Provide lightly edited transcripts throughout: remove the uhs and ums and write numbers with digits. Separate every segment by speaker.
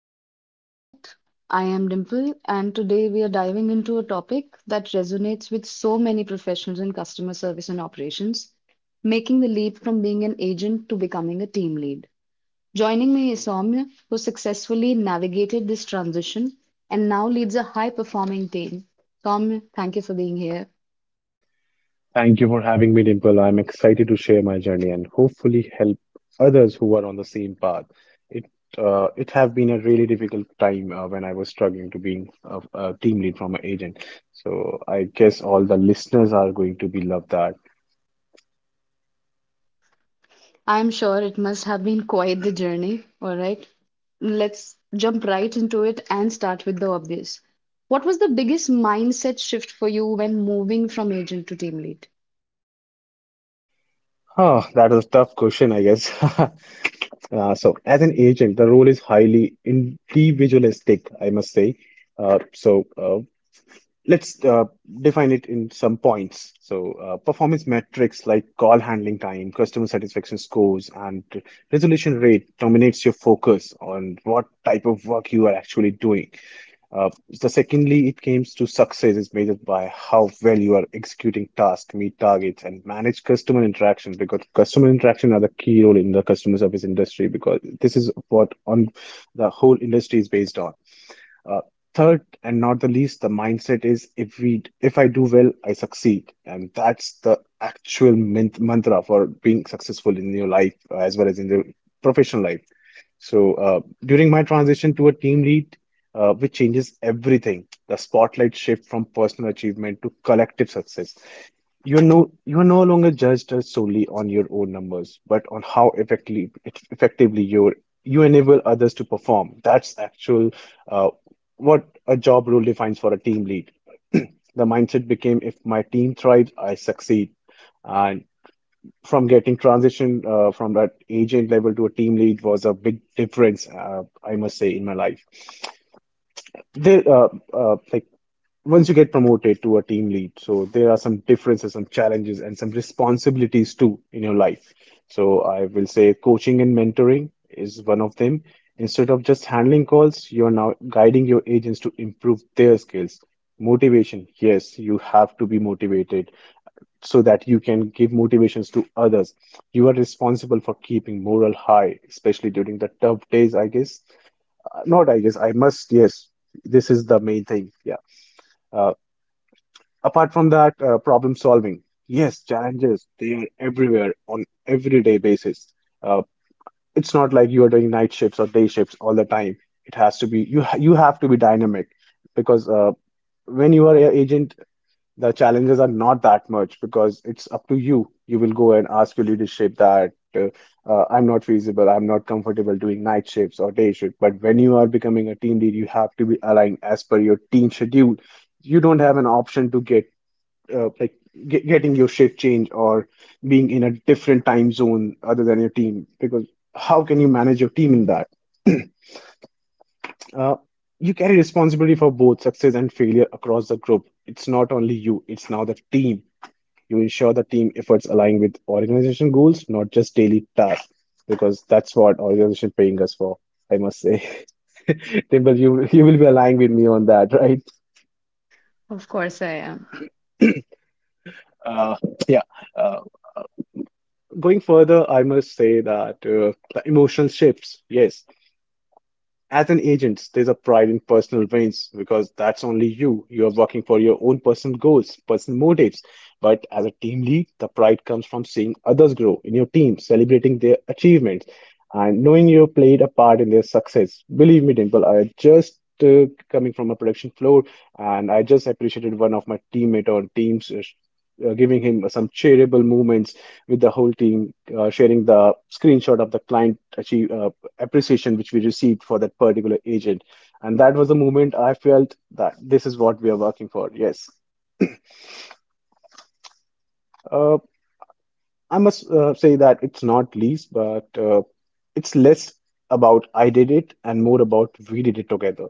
Speaker 1: Leadership Unplugged. I am Dimple, and today we are diving into a topic that resonates with so many professionals in customer service and operations making the leap from being an agent to becoming a team lead. Joining me is Soumya, who successfully navigated this transition and now leads a high performing team. Soumya, thank you for being here.
Speaker 2: Thank you for having me, Dimple. I'm excited to share my journey and hopefully help others who are on the same path. It it have been a really difficult time when I was struggling to being a team lead from an agent. So I guess all the listeners are going to be love that.
Speaker 1: I'm sure it must have been quite the journey. All right, let's jump right into it and start with the obvious. What was the biggest mindset shift for you when moving from agent to team lead?
Speaker 2: Huh, that is a tough question, I guess. So as an agent, the role is highly individualistic, I must say. Uh, so uh, Let's define it in some points. So, performance metrics like call handling time, customer satisfaction scores, and resolution rate dominates your focus on what type of work you are actually doing. So secondly, it comes to success is measured by how well you are executing tasks, meet targets, and manage customer interactions because customer interaction are the key role in the customer service industry because this is what on the whole industry is based on. Uh, Third, and not the least, the mindset is if I do well, I succeed, and that's the actual mint mantra for being successful in your life as well as in the professional life. So during my transition to a team lead, which changes everything, the spotlight shift from personal achievement to collective success. You are no longer judged as solely on your own numbers, but on how effectively you enable others to perform. That's actual uh, what a job role defines for a team lead. The mindset became, if my team thrives, I succeed. And from getting transition from that agent level to a team lead was a big difference, I must say, in my life. Like once you get promoted to a team lead, so there are some differences, some challenges, and some responsibilities too in your life. So I will say coaching and mentoring is one of them. Instead of just handling calls, you're now guiding your agents to improve their skills. Motivation, yes, you have to be motivated so that you can give motivations to others. You are responsible for keeping morale high, especially during the tough days, I guess. Not I guess, I must, yes. This is the main thing. Yeah. Uh, Apart from that, problem solving. Yes, challenges, they are everywhere on everyday basis. Uh, it's not like you are doing night shifts or day shifts all the time. It has to be, you have to be dynamic because when you are an agent. The challenges are not that much because it's up to you. You will go and ask your leadership that I'm not feasible, I'm not comfortable doing night shifts or day shift. But when you are becoming a team lead, you have to be aligned as per your team schedule. You don't have an option to get uh, like getting your shift change or being in a different time zone other than your team because how can you manage your team in that? Uh, you carry responsibility for both success and failure across the group. It's not only you, it's now the team you ensure the team efforts align with organization goals, not just daily tasks, because that's what organization paying us for, I must say. Dimple, you will be aligning with me on that, right?
Speaker 1: Of course I am.
Speaker 2: Uh, yeah. Uh, Going further, I must say that the emotion shifts. Yes, as an agent, there's a pride in personal wins because that's only you. You're working for your own personal goals, personal motives. But as a team lead, the pride comes from seeing others grow in your team, celebrating their achievements, and knowing you played a part in their success. Believe me, Dimple, I just coming from a production floor, and I just appreciated one of my teammate on teams. Giving him some cheerable moments with the whole team, sharing the screenshot of the client achieve, appreciation which we received for that particular agent. And that was the moment I felt that this is what we are working for. Yes. Uh, I must say that it's not least, but it's less about I did it and more about we did it together.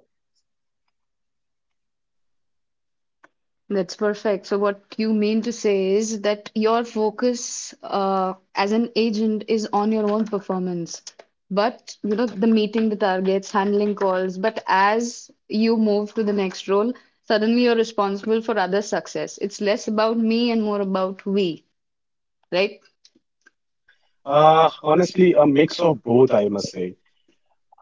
Speaker 1: That's perfect. So, what you mean to say is that your focus as an agent is on your own performance, but you know, the meeting the targets, handling calls. But as you move to the next role, suddenly you're responsible for others' success. It's less about me and more about we, right?
Speaker 2: Honestly, a mix of both, I must say.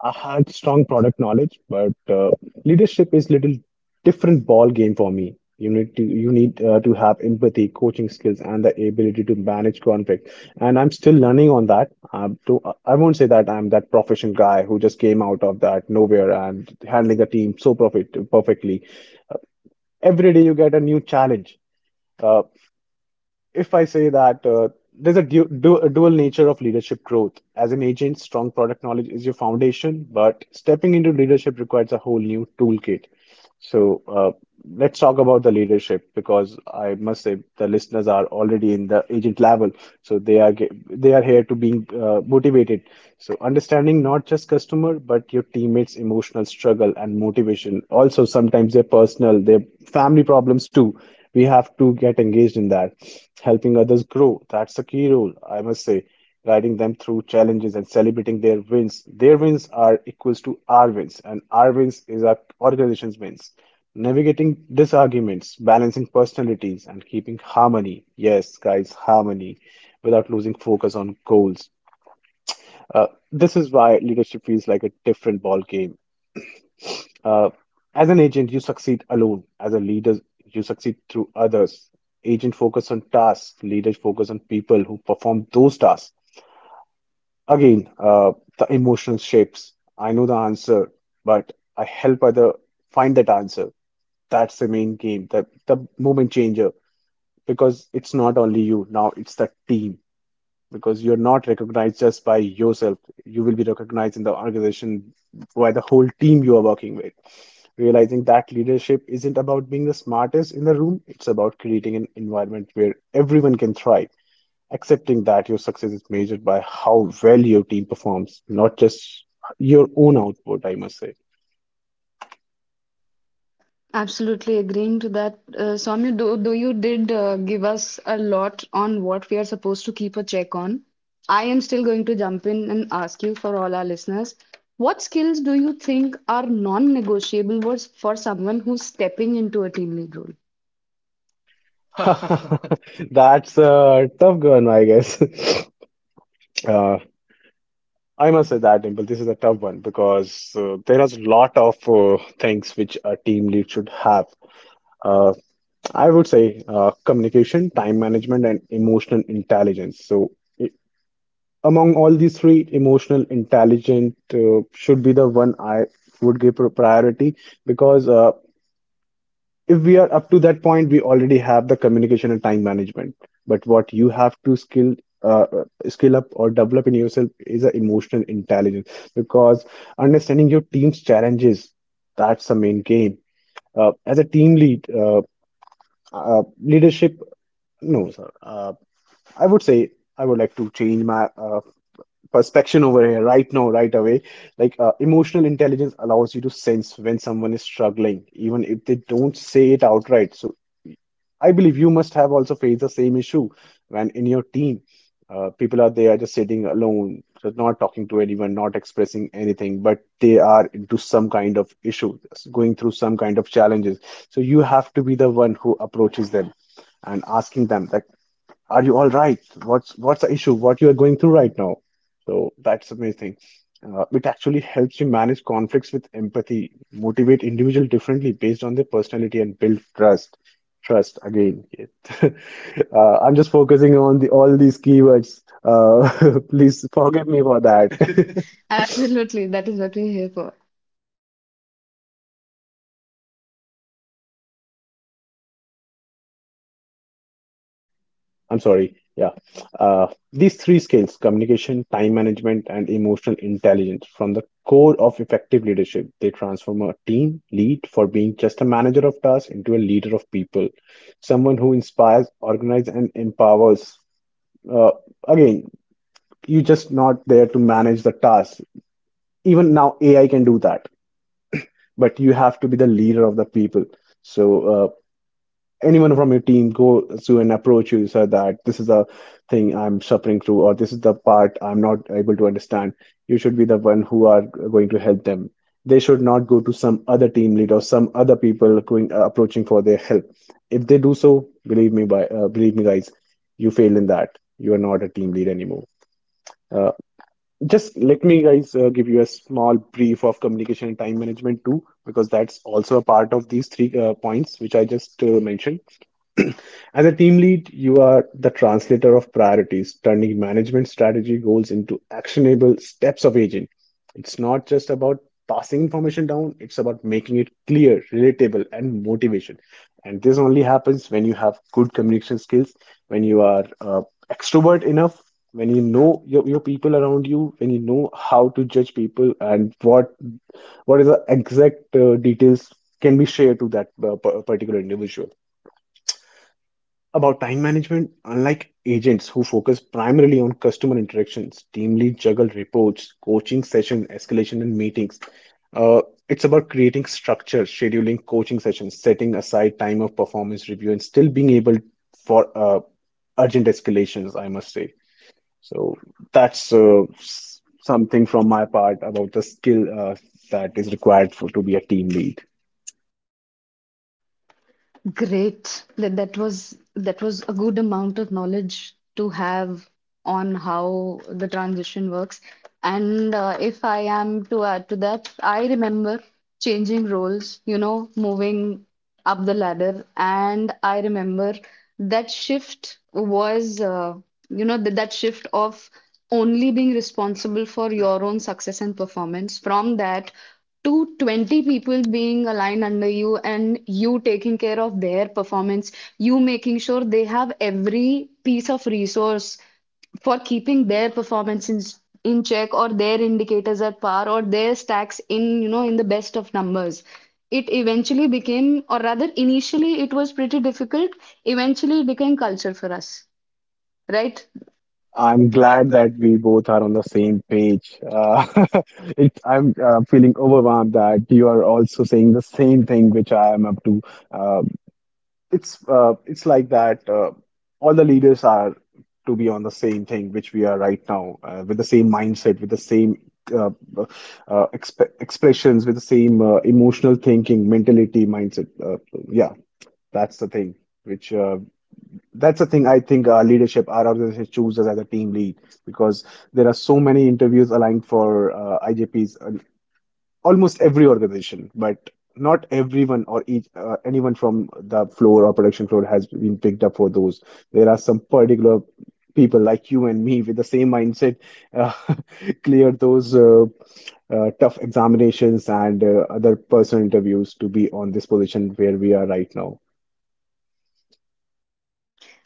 Speaker 2: I had strong product knowledge, but leadership is little different ball game for me. You need to have empathy, coaching skills, and the ability to manage conflict. And I'm still learning on that. I won't say that I'm that professional guy who just came out of that nowhere and handling the team so perfectly. Uh, every day you get a new challenge. Uh, if I say that There's a du du dual nature of leadership growth. As an agent, strong product knowledge is your foundation, but stepping into leadership requires a whole new toolkit. So let's talk about the leadership because I must say the listeners are already in the agent level, so they are here to being motivated. So understanding not just customer but your teammates' emotional struggle and motivation, also sometimes their personal, their family problems too. We have to get engaged in that helping others grow. That's a key role, I must say, guiding them through challenges and celebrating their wins. Their wins are equals to our wins, and our wins is our organization's wins. Navigating disagreements, balancing personalities, and keeping harmony. Yes, guys, harmony without losing focus on goals. This is why leadership feels like a different ballgame. Uh, as an agent, you succeed alone. As a leader, you succeed through others. Agent focus on tasks, leaders focus on people who perform those tasks. Again, uh, the emotional shapes. I know the answer, but I help other find that answer. That's the main game, the moment changer, because it's not only you, now it's the team because you're not recognized just by yourself. You will be recognized in the organization by the whole team you are working with. Realizing that leadership isn't about being the smartest in the room, it's about creating an environment where everyone can thrive. Accepting that your success is measured by how well your team performs, not just your own output, I must say.
Speaker 1: Absolutely agreeing to that, Soumya, though you did give us a lot on what we are supposed to keep a check on, I am still going to jump in and ask you for all our listeners, what skills do you think are non-negotiable was for someone who's stepping into a team lead role?
Speaker 2: That's a tough one, I guess. Uh, I must say that, Dimple, this is a tough one because there is a lot of things which a team lead should have. Uh, I would say communication, time management, and emotional intelligence. So among all these three, emotional intelligent should be the one I would give priority because if we are up to that point, we already have the communication and time management. But what you have to skill uh, uh, skill up or develop in yourself is a emotional intelligence because understanding your team's challenges, that's the main game. As a team lead, leadership, no, sir. I would say I would like to change my perspection over here right now right away like emotional intelligence allows you to sense when someone is struggling even if they don't say it outright. So I believe you must have also faced the same issue when in your team, people are there just sitting alone, so not talking to anyone, not expressing anything, but they are into some kind of issue, going through some kind of challenges. So you have to be the one who approaches them and asking them that, are you all right? What's the issue? What you are going through right now? So that's amazing. It actually helps you manage conflicts with empathy, motivate individuals differently based on their personality, and build trust. Trust again. Yes. uh, I'm just focusing on the all these keywords. Please forgive me for that.
Speaker 1: Absolutely, that is what we're here for.
Speaker 2: I'm sorry. Yeah. These three skills, communication, time management, and emotional intelligence, from the core of effective leadership, they transform a team lead for being just a manager of tasks into a leader of people, someone who inspires, organizes, and empowers. Uh, again, you're just not there to manage the task. Even now, AI can do that, but you have to be the leader of the people. So uh, Anyone from your team goes to and approach you so that this is a thing I'm suffering through, or this is the part I'm not able to understand, you should be the one who are going to help them. They should not go to some other team lead or some other people going approaching for their help. If they do so, believe me, by believe me guys, you fail in that. You are not a team lead anymore. Uh, just let me guys uh, give you a small brief of communication and time management too, because that's also a part of these three points which I just mentioned. As a team lead, you are the translator of priorities, turning management strategy goals into actionable steps of agent. It's not just about passing information down, it's about making it clear, relatable, and motivation. And this only happens when you have good communication skills, when you are extrovert enough, when you know your people around you, when you know how to judge people and what is the exact details can be shared to that particular individual. About time management, unlike agents who focus primarily on customer interactions, team leads juggle reports, coaching session, escalation, and meetings. Uh, it's about creating structure, scheduling coaching sessions, setting aside time of performance review, and still being able for urgent escalations, I must say. So that's something from my part about the skill that is required for to be a team lead.
Speaker 1: Great. That was a good amount of knowledge to have on how the transition works. And if I am to add to that, I remember changing roles, you know, moving up the ladder, and I remember that shift was, you know, that shift of only being responsible for your own success and performance from that to 20 people being aligned under you and you taking care of their performance, you making sure they have every piece of resource for keeping their performance in check, or their indicators at par, or their stacks in, you know, in the best of numbers. It eventually became, or rather initially it was pretty difficult, eventually it became culture for us, right?
Speaker 2: I'm glad that we both are on the same page. I'm feeling overwhelmed that you are also saying the same thing which I am up to. Uh, it's like that. All the leaders are to be on the same thing, which we are right now, with the same mindset, with the same uh, expressions, with the same emotional thinking, mentality, mindset. Yeah, that's the thing. Which That's the thing I think our leadership, our organization chooses as a team lead, because there are so many interviews aligned for IJPs almost every organization, but not everyone or each anyone from the floor or production floor has been picked up for those. There are some particular people like you and me with the same mindset uh, clear those tough examinations and other personal interviews to be on this position where we are right now.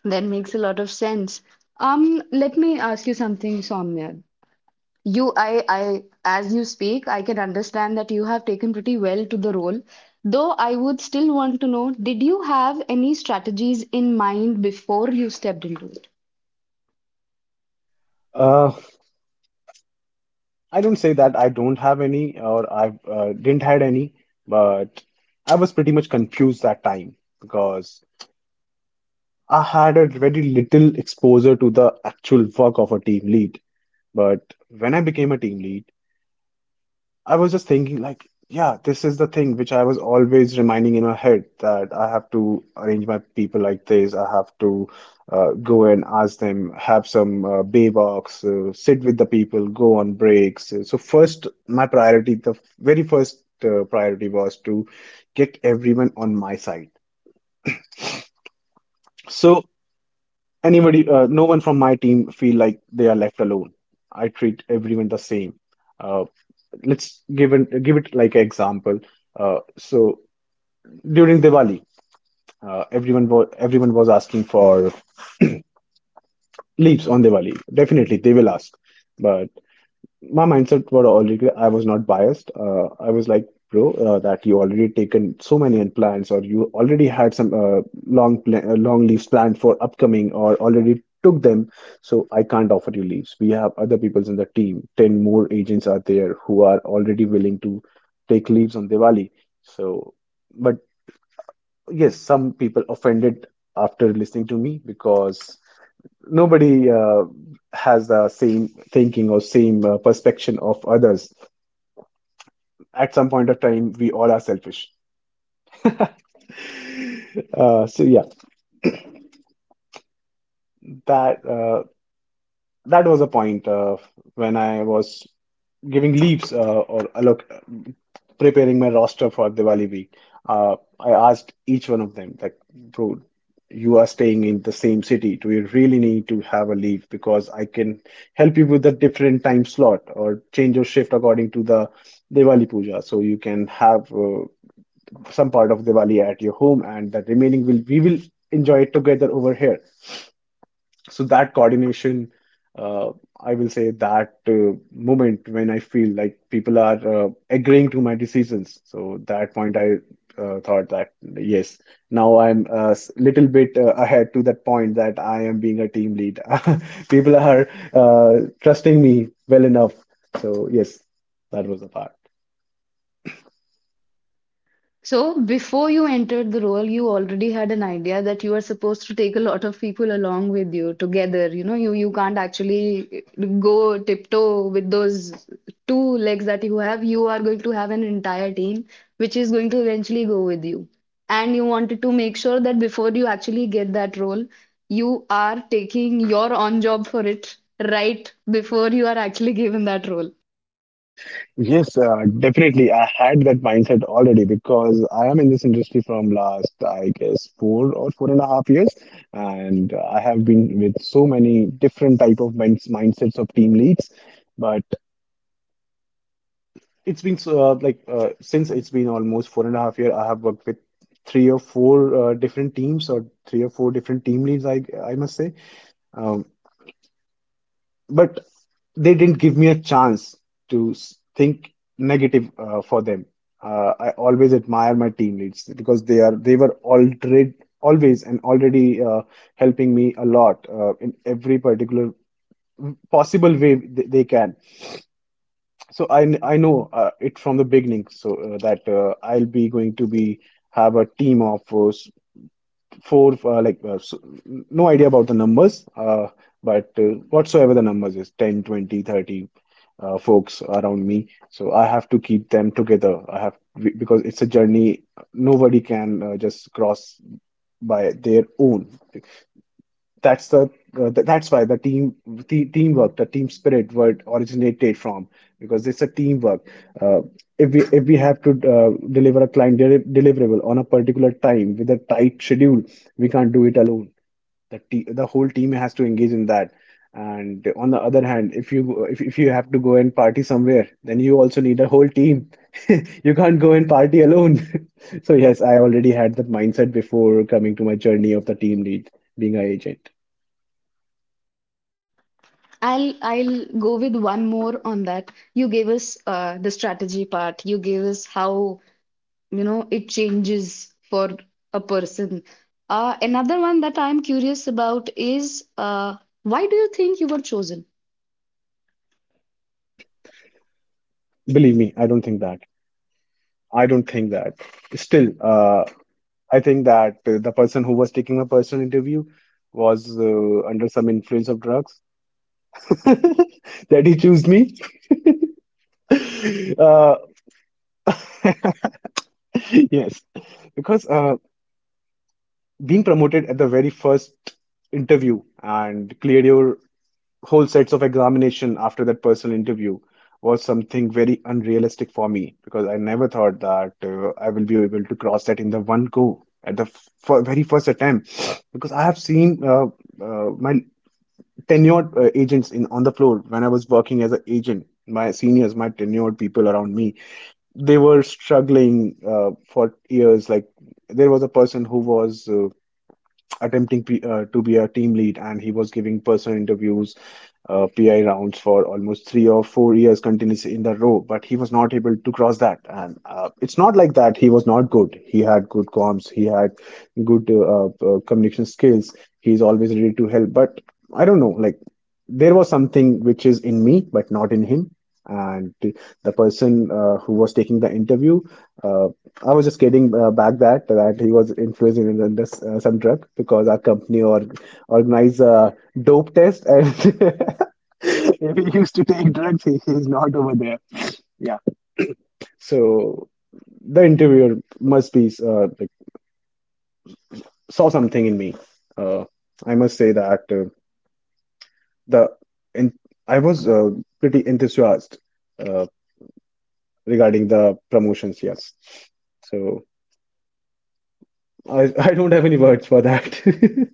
Speaker 1: That makes a lot of sense. Um, let me ask you something, Somya. As you speak, I can understand that you have taken pretty well to the role. Though I would still want to know, did you have any strategies in mind before you stepped into it?
Speaker 2: Uh, I don't say that I don't have any or I didn't had any, but I was pretty much confused that time, because I had a very little exposure to the actual work of a team lead. But when I became a team lead, I was just thinking, like, yeah, this is the thing which I was always reminding in my head that I have to arrange my people like this. I have to go and ask them, have some bay walks, sit with the people, go on breaks. So first, my priority, the very first priority was to get everyone on my side. So anybody, no one from my team feel like they are left alone. I treat everyone the same. Uh, let's give an, give it like an example. So during Diwali, everyone was asking for leaps on Diwali. Definitely, they will ask. But my mindset were already. I was not biased. I was like, bro, that you already taken so many plans, or you already had some long leaves planned for upcoming, or already took them. So I can't offer you leaves. We have other peoples in the team. Ten more agents are there who are already willing to take leaves on Diwali. So, but yes, some people offended after listening to me, because nobody has the same thinking or same perception of others. At some point of time, we all are selfish. So yeah, that uh, that was a point when I was giving leaves or look preparing my roster for Diwali week. I asked each one of them, like, bro, you are staying in the same city. Do you really need to have a leave? Because I can help you with the different time slot or change your shift according to the Diwali puja. So you can have some part of Diwali at your home, and the remaining will we will enjoy it together over here. So that coordination, uh, I will say that moment when I feel like people are agreeing to my decisions. So that point, I thought that yes, now I'm little bit ahead to that point that I am being a team lead. People are trusting me well enough. So yes, that was the part.
Speaker 1: So, before you entered the role, you already had an idea that you are supposed to take a lot of people along with you together. You know, you can't actually go tiptoe with those two legs that you have. You are going to have an entire team which is going to eventually go with you. And you wanted to make sure that before you actually get that role, you are taking your on job for it right before you are actually given that role.
Speaker 2: Yes, definitely. I had that mindset already, because I am in this industry from last, I guess, four or four and a half years, and I have been with so many different type of mindsets of team leads. But It's been so, since it's been almost four and a half year, I have worked with three or four different team leads, I must say. Um, but they didn't give me a chance to think negative for them. I always admire my team leads, because they were already always and already helping me a lot in every particular possible way they can. So I know it from the beginning, so that I'll be going to be have a team of four uh, like uh, so, no idea about the numbers, but whatsoever the numbers is 10, 20, 30, folks around me. So I have to keep them together. I have, because it's a journey nobody can just cross by their own. That's that's why the teamwork, the team spirit word originated from, because it's a teamwork. Uh, if we have to deliver a deliverable on a particular time with a tight schedule, we can't do it alone. The te the whole team has to engage in that. And on the other hand, if you have to go and party somewhere, then you also need a whole team. You can't go and party alone. So yes, I already had that mindset before coming to my journey of the team lead, being a agent.
Speaker 1: I'll go with one more on that. You gave us the strategy part. You gave us how, you know, it changes for a person. Another one that I'm curious about is why do you think you were chosen?
Speaker 2: Believe me, I don't think that. I don't think that. Still, I think that the person who was taking my personal interview was under some influence of drugs that he chose me. Uh, yes, because being promoted at the very first interview and cleared your whole sets of examination after that personal interview was something very unrealistic for me, because I never thought that I will be able to cross that in the one go at the very first attempt. Because I have seen my tenured agents in on the floor when I was working as an agent, my seniors, my tenured people around me, they were struggling for years. Like there was a person who was attempting to be a team lead, and he was giving personal interviews PI rounds for almost 3 or 4 years continuously in the row, but he was not able to cross that. And it's not like that he was not good. He had good comms, he had good communication skills. He's always ready to help. But I don't know, like there was something which is in me, but not in him. And the person who was taking the interview, uh, I was just getting back that he was influenced in this, some drug, because our company or organized a dope test, and if he used to take drugs, he's not over there. Yeah. So the interviewer must be like saw something in me. Uh, I must say that the in, I was pretty enthusiastic uh, regarding the promotions. Yes. So I don't have any words for that.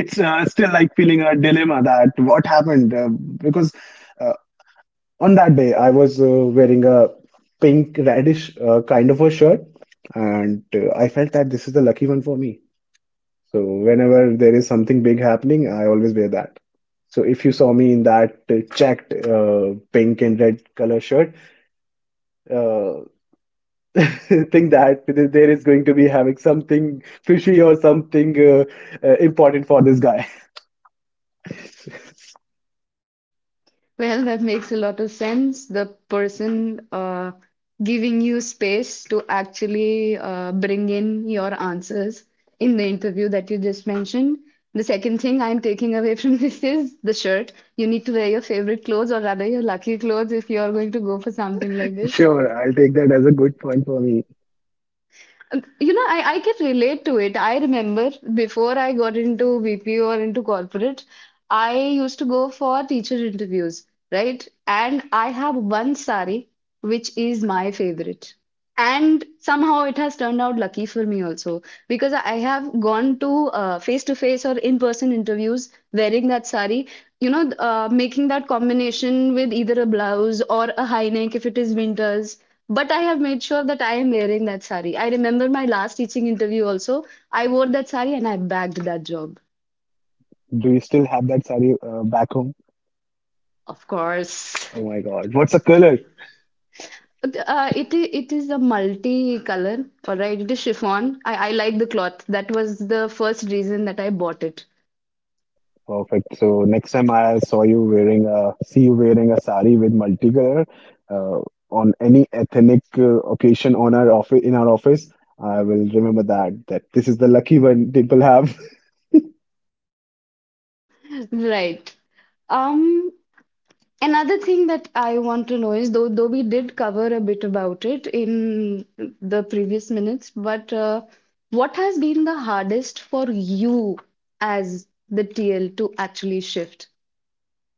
Speaker 2: It's still like feeling a dilemma that what happened because. Uh, On that day, I was wearing a pink radish kind of a shirt, and I felt that this is the lucky one for me. So whenever there is something big happening, I always wear that. So if you saw me in that checked pink and red color shirt, uh, think that there is going to be having something fishy or something important for this guy.
Speaker 1: Well, that makes a lot of sense. The person giving you space to actually bring in your answers in the interview that you just mentioned. The second thing I'm taking away from this is the shirt. You need to wear your favorite clothes, or rather, your lucky clothes, if you are going to go for something like this.
Speaker 2: Sure, I'll take that as a good point for me.
Speaker 1: You know, I can relate to it. I remember before I got into VP or into corporate, I used to go for teacher interviews, right? And I have one sari which is my favorite. And somehow it has turned out lucky for me also, because I have gone to face-to-face or in-person interviews wearing that sari, you know, making that combination with either a blouse or a high neck if it is winters. But I have made sure that I am wearing that sari. I remember my last teaching interview also. I wore that sari and I bagged that job.
Speaker 2: Do you still have that sari back home?
Speaker 1: Of course.
Speaker 2: Oh my God, what's the color?
Speaker 1: It is a multi color, all right. It is chiffon. I like the cloth. That was the first reason that I bought it.
Speaker 2: Perfect. So next time I saw you wearing a see you wearing a sari with multicolor uh, on any ethnic occasion on our office in our office, I will remember that this is the lucky one people have.
Speaker 1: Right. Um, another thing that I want to know is, though we did cover a bit about it in the previous minutes, but what has been the hardest for you as the TL to actually shift?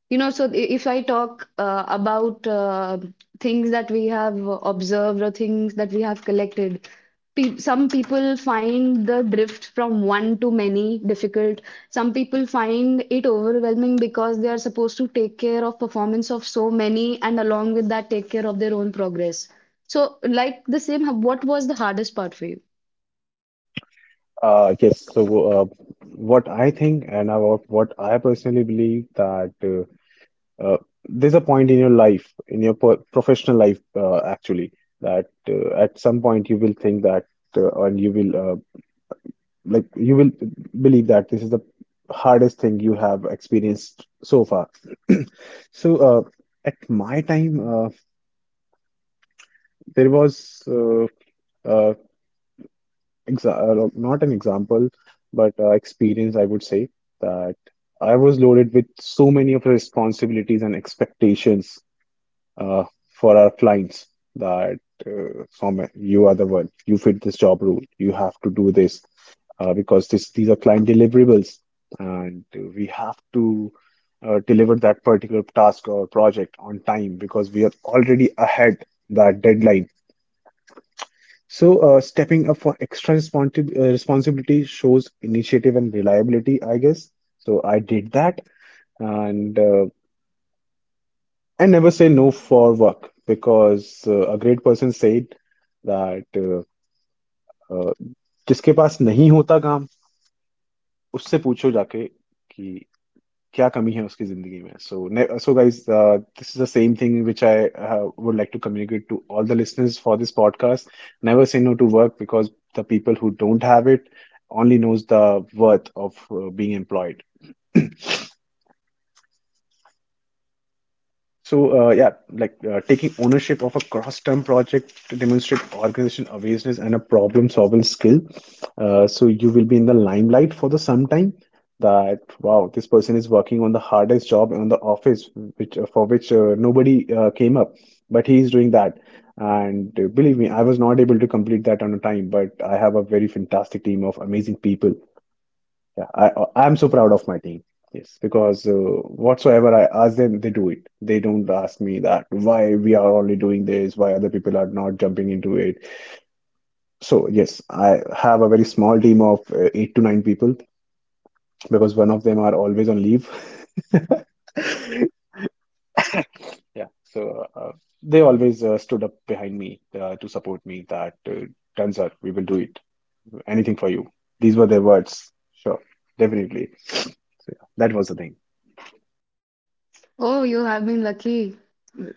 Speaker 1: You know, so if I talk about things that we have observed or things that we have collected, pe some people find the drift from one to many difficult. Some people find it overwhelming because they are supposed to take care of performance of so many, and along with that take care of their own progress. So, like the same, what was the hardest part for you?
Speaker 2: Yes, so uh, what I think and about what I personally believe that uh, uh, there's a point in your life, in your po professional life, actually, that at some point you will think that, and you will like you will believe that this is the hardest thing you have experienced so far. So at my time, uh, there was uh, no, not an example, but experience, I would say that I was loaded with so many of the responsibilities and expectations uh, for our clients that Soumya, you are the one, you fit this job role, you have to do this because this these are client deliverables, and we have to deliver that particular task or project on time because we are already ahead that deadline. So, stepping up for extra responsibility shows initiative and reliability, I guess. So I did that, and I never say no for work because a great person said that uh, जिसके पास नहीं होता काम उससे पूछो जाके कि what is the deficiency in his life? So guys, this is the same thing which I would like to communicate to all the listeners for this podcast. Never say no to work because the people who don't have it only knows the worth of being employed. So, yeah, like taking ownership of a cross-term project to demonstrate organization awareness and a problem-solving skill. So you will be in the limelight for the some time that wow, this person is working on the hardest job in the office, which for which nobody came up, but he is doing that. And believe me, I was not able to complete that on a time, but I have a very fantastic team of amazing people. Yeah, I'm so proud of my team. Yes, because whatsoever I ask them, they do it. They don't ask me that why we are only doing this, why other people are not jumping into it. So yes, I have a very small team of eight to nine people because one of them are always on leave. Yeah, so they always stood up behind me to support me that done, sir, we will do it. Anything for you. These were their words. Sure, definitely. So, yeah, that was the thing.
Speaker 1: Oh, you have been lucky,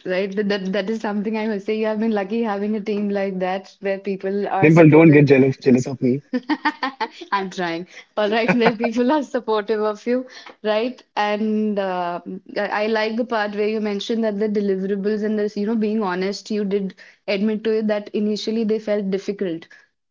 Speaker 1: right? That, that is something I must say. You have been lucky having a team like that where people are
Speaker 2: Dimple, don't get jealous
Speaker 1: supportive.
Speaker 2: of me.
Speaker 1: I'm trying. All right, where people are supportive of you, right? And I like the part where you mentioned that the deliverables and this, you know, being honest, you did admit to it that initially they felt difficult.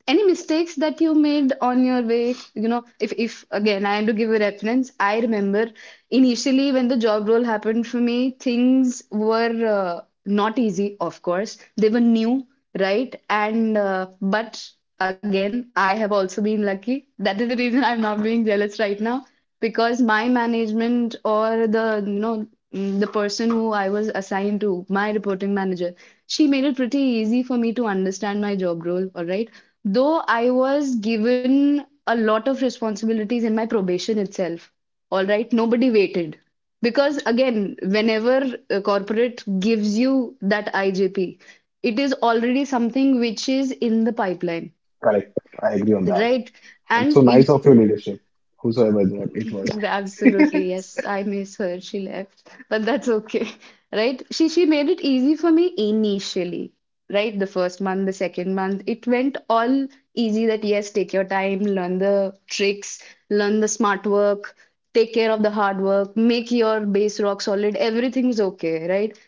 Speaker 1: Any mistakes that you made on your way, you know, if again I am to give a reference, I remember initially when the job role happened for me, things were not easy, of course. They were new, right? And but again, I have also been lucky. That is the reason I'm not being jealous right now, because my management, or the you know mm, the person who I was assigned to, my reporting manager, she made it pretty easy for me to understand my job role. All right, though I was given a lot of responsibilities in my probation itself. All right, nobody waited. Because again, whenever a corporate gives you that IJP, it is already something which is in the pipeline,
Speaker 2: Correct. I agree on
Speaker 1: that,
Speaker 2: that.
Speaker 1: right?
Speaker 2: And
Speaker 1: And
Speaker 2: so nice of your leadership, whosoever it
Speaker 1: do.
Speaker 2: wa- it was.
Speaker 1: Absolutely, yes. I miss her. She left, but that's okay, right? She made it easy for me initially, right? The first month, the second month, it went all easy, that yes, take your time, learn the tricks, learn the smart work, take care of the hard work, make your base rock solid. Everything's okay, right?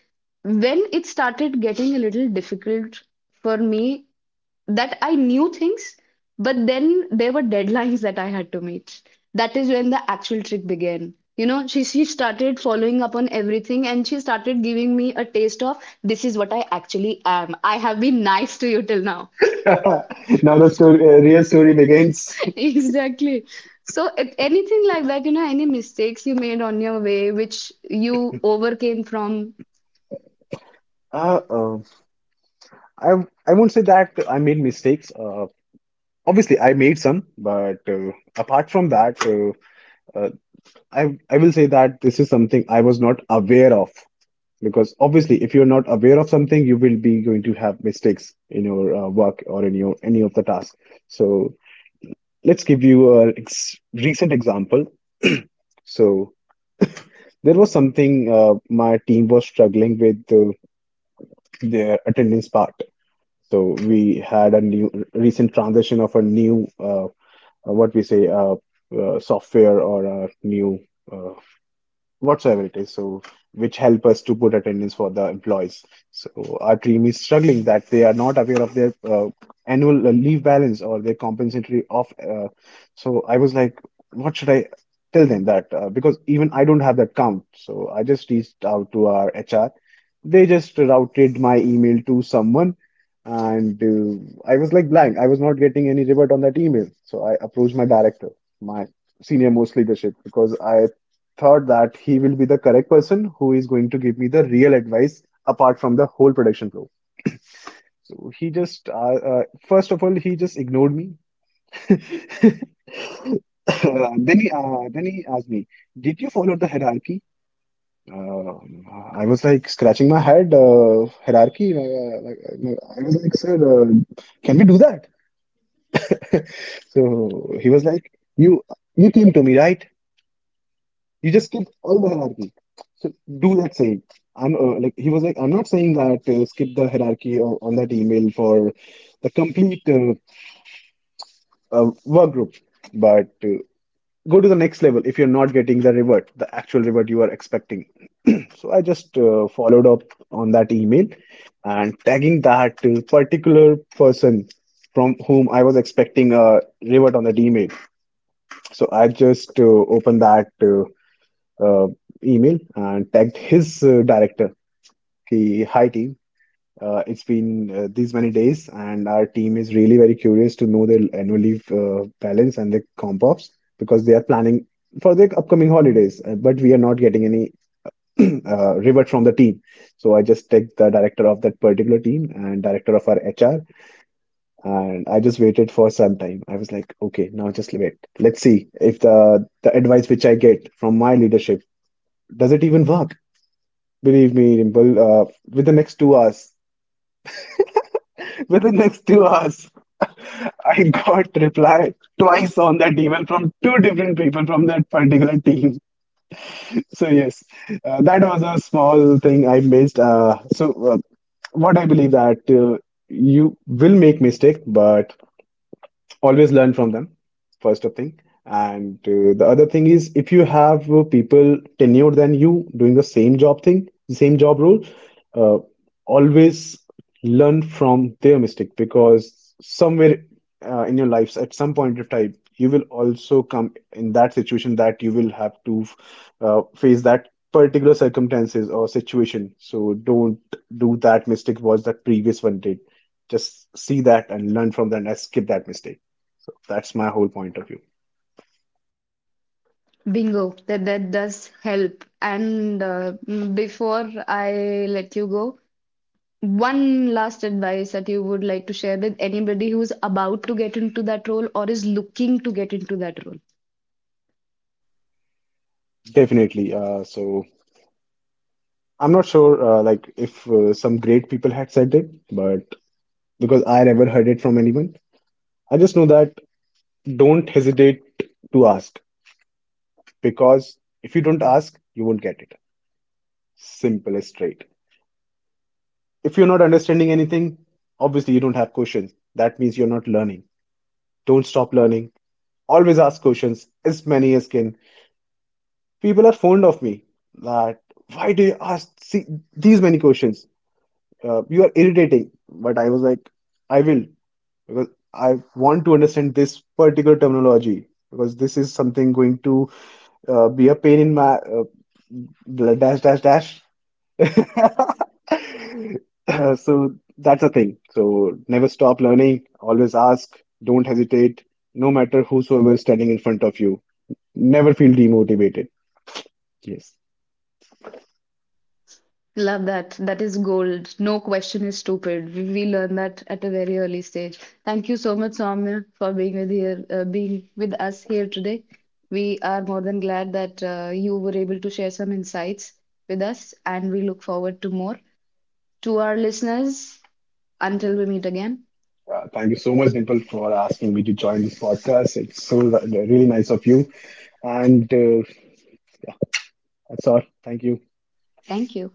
Speaker 1: When it started getting a little difficult for me, that I knew things, but then there were deadlines that I had to meet. That is when the actual trick began. You know, she started following up on everything and she started giving me a taste of, this is what I actually am. I have been nice to you till now.
Speaker 2: Now the story, real story begins.
Speaker 1: Exactly. So if anything like that, you know, any mistakes you made on your way, which you overcame from.
Speaker 2: Uh, uh, I I won't say that I made mistakes. Obviously, I made some, but uh, apart from that, uh, uh, I I will say that this is something I was not aware of. Because obviously, if you're not aware of something, you will be going to have mistakes in your work or in your any of the tasks. So let's give you a ex recent example. So, there was something my team was struggling with their attendance part. So we had a new recent transition of a new what we say software or a new uh, whatsoever it is, so which help us to put attendance for the employees. So our team is struggling that they are not aware of their annual leave balance or their compensatory off. So I was like, what should I tell them that? Because even I don't have that count. So I just reached out to our HR. They just routed my email to someone. And I was like blank. I was not getting any revert on that email. So I approached my director, my senior most leadership, because I thought that he will be the correct person who is going to give me the real advice apart from the whole production flow. So he just, first of all, he just ignored me. Then he, then he asked me, "Did you follow the hierarchy?" Uh, I was like scratching my head. Hierarchy. I was like, "Sir, can we do that?" So he was like, "You, you came to me, right? You just skip all the hierarchy. So do that same. I'm like he was like I'm not saying that skip the hierarchy on that email for the complete work group, but go to the next level if you're not getting the revert, the actual revert you are expecting. So I just followed up on that email and tagging that particular person from whom I was expecting a revert on that email. So I just opened that uh, email and tagged his director. Ki, hi team, it's been these many days, and our team is really very curious to know their annual leave balance and their comp ops because they are planning for the upcoming holidays. But we are not getting any revert from the team. So I just tagged the director of that particular team and director of our HR, and I just waited for some time. I was like, okay, now just wait. Let's see if the advice which I get from my leadership does it even work. Believe me, Dimple, with the next 2 hours, with the next 2 hours, I got reply twice on that email from two different people from that particular team. So yes, that was a small thing I missed. So what I believe that you will make mistake, but always learn from them first of thing, and the other thing is if you have people tenured than you doing the same job role, uh, always learn from their mistake because somewhere in your life at some point of time you will also come in that situation that you will have to face that particular circumstances or situation, so don't do that mistake what that previous one did, just see that and learn from that and skip that mistake. So that's my whole point of view.
Speaker 1: Bingo, that that does help. And before I let you go, one last advice that you would like to share with anybody who's about to get into that role or is looking to get into that role.
Speaker 2: Definitely. So I'm not sure, like if some great people had said it, but because I never heard it from anyone, I just know that don't hesitate to ask, because if you don't ask, you won't get it. Simple as straight. If you're not understanding anything, obviously you don't have questions. That means you're not learning. Don't stop learning. Always ask questions, as many as can. People are fond of me that why do you ask see, these many questions? You are irritating. But I was like, I will, because I want to understand this particular terminology, because this is something going to be a pain in my dash dash dash. So that's the thing. So never stop learning, always ask, don't hesitate, no matter whosoever is standing in front of you. Never feel demotivated. Yes.
Speaker 1: Love that. That is gold. No question is stupid. We learn that at a very early stage. Thank you so much, Soumya, for being with here, being with us here today. We are more than glad that you were able to share some insights with us, and we look forward to more. To our listeners, until we meet again,
Speaker 2: Thank you so much, Dimple, for asking me to join this podcast. It's so really nice of you. And that's all. Thank you.
Speaker 1: thank you.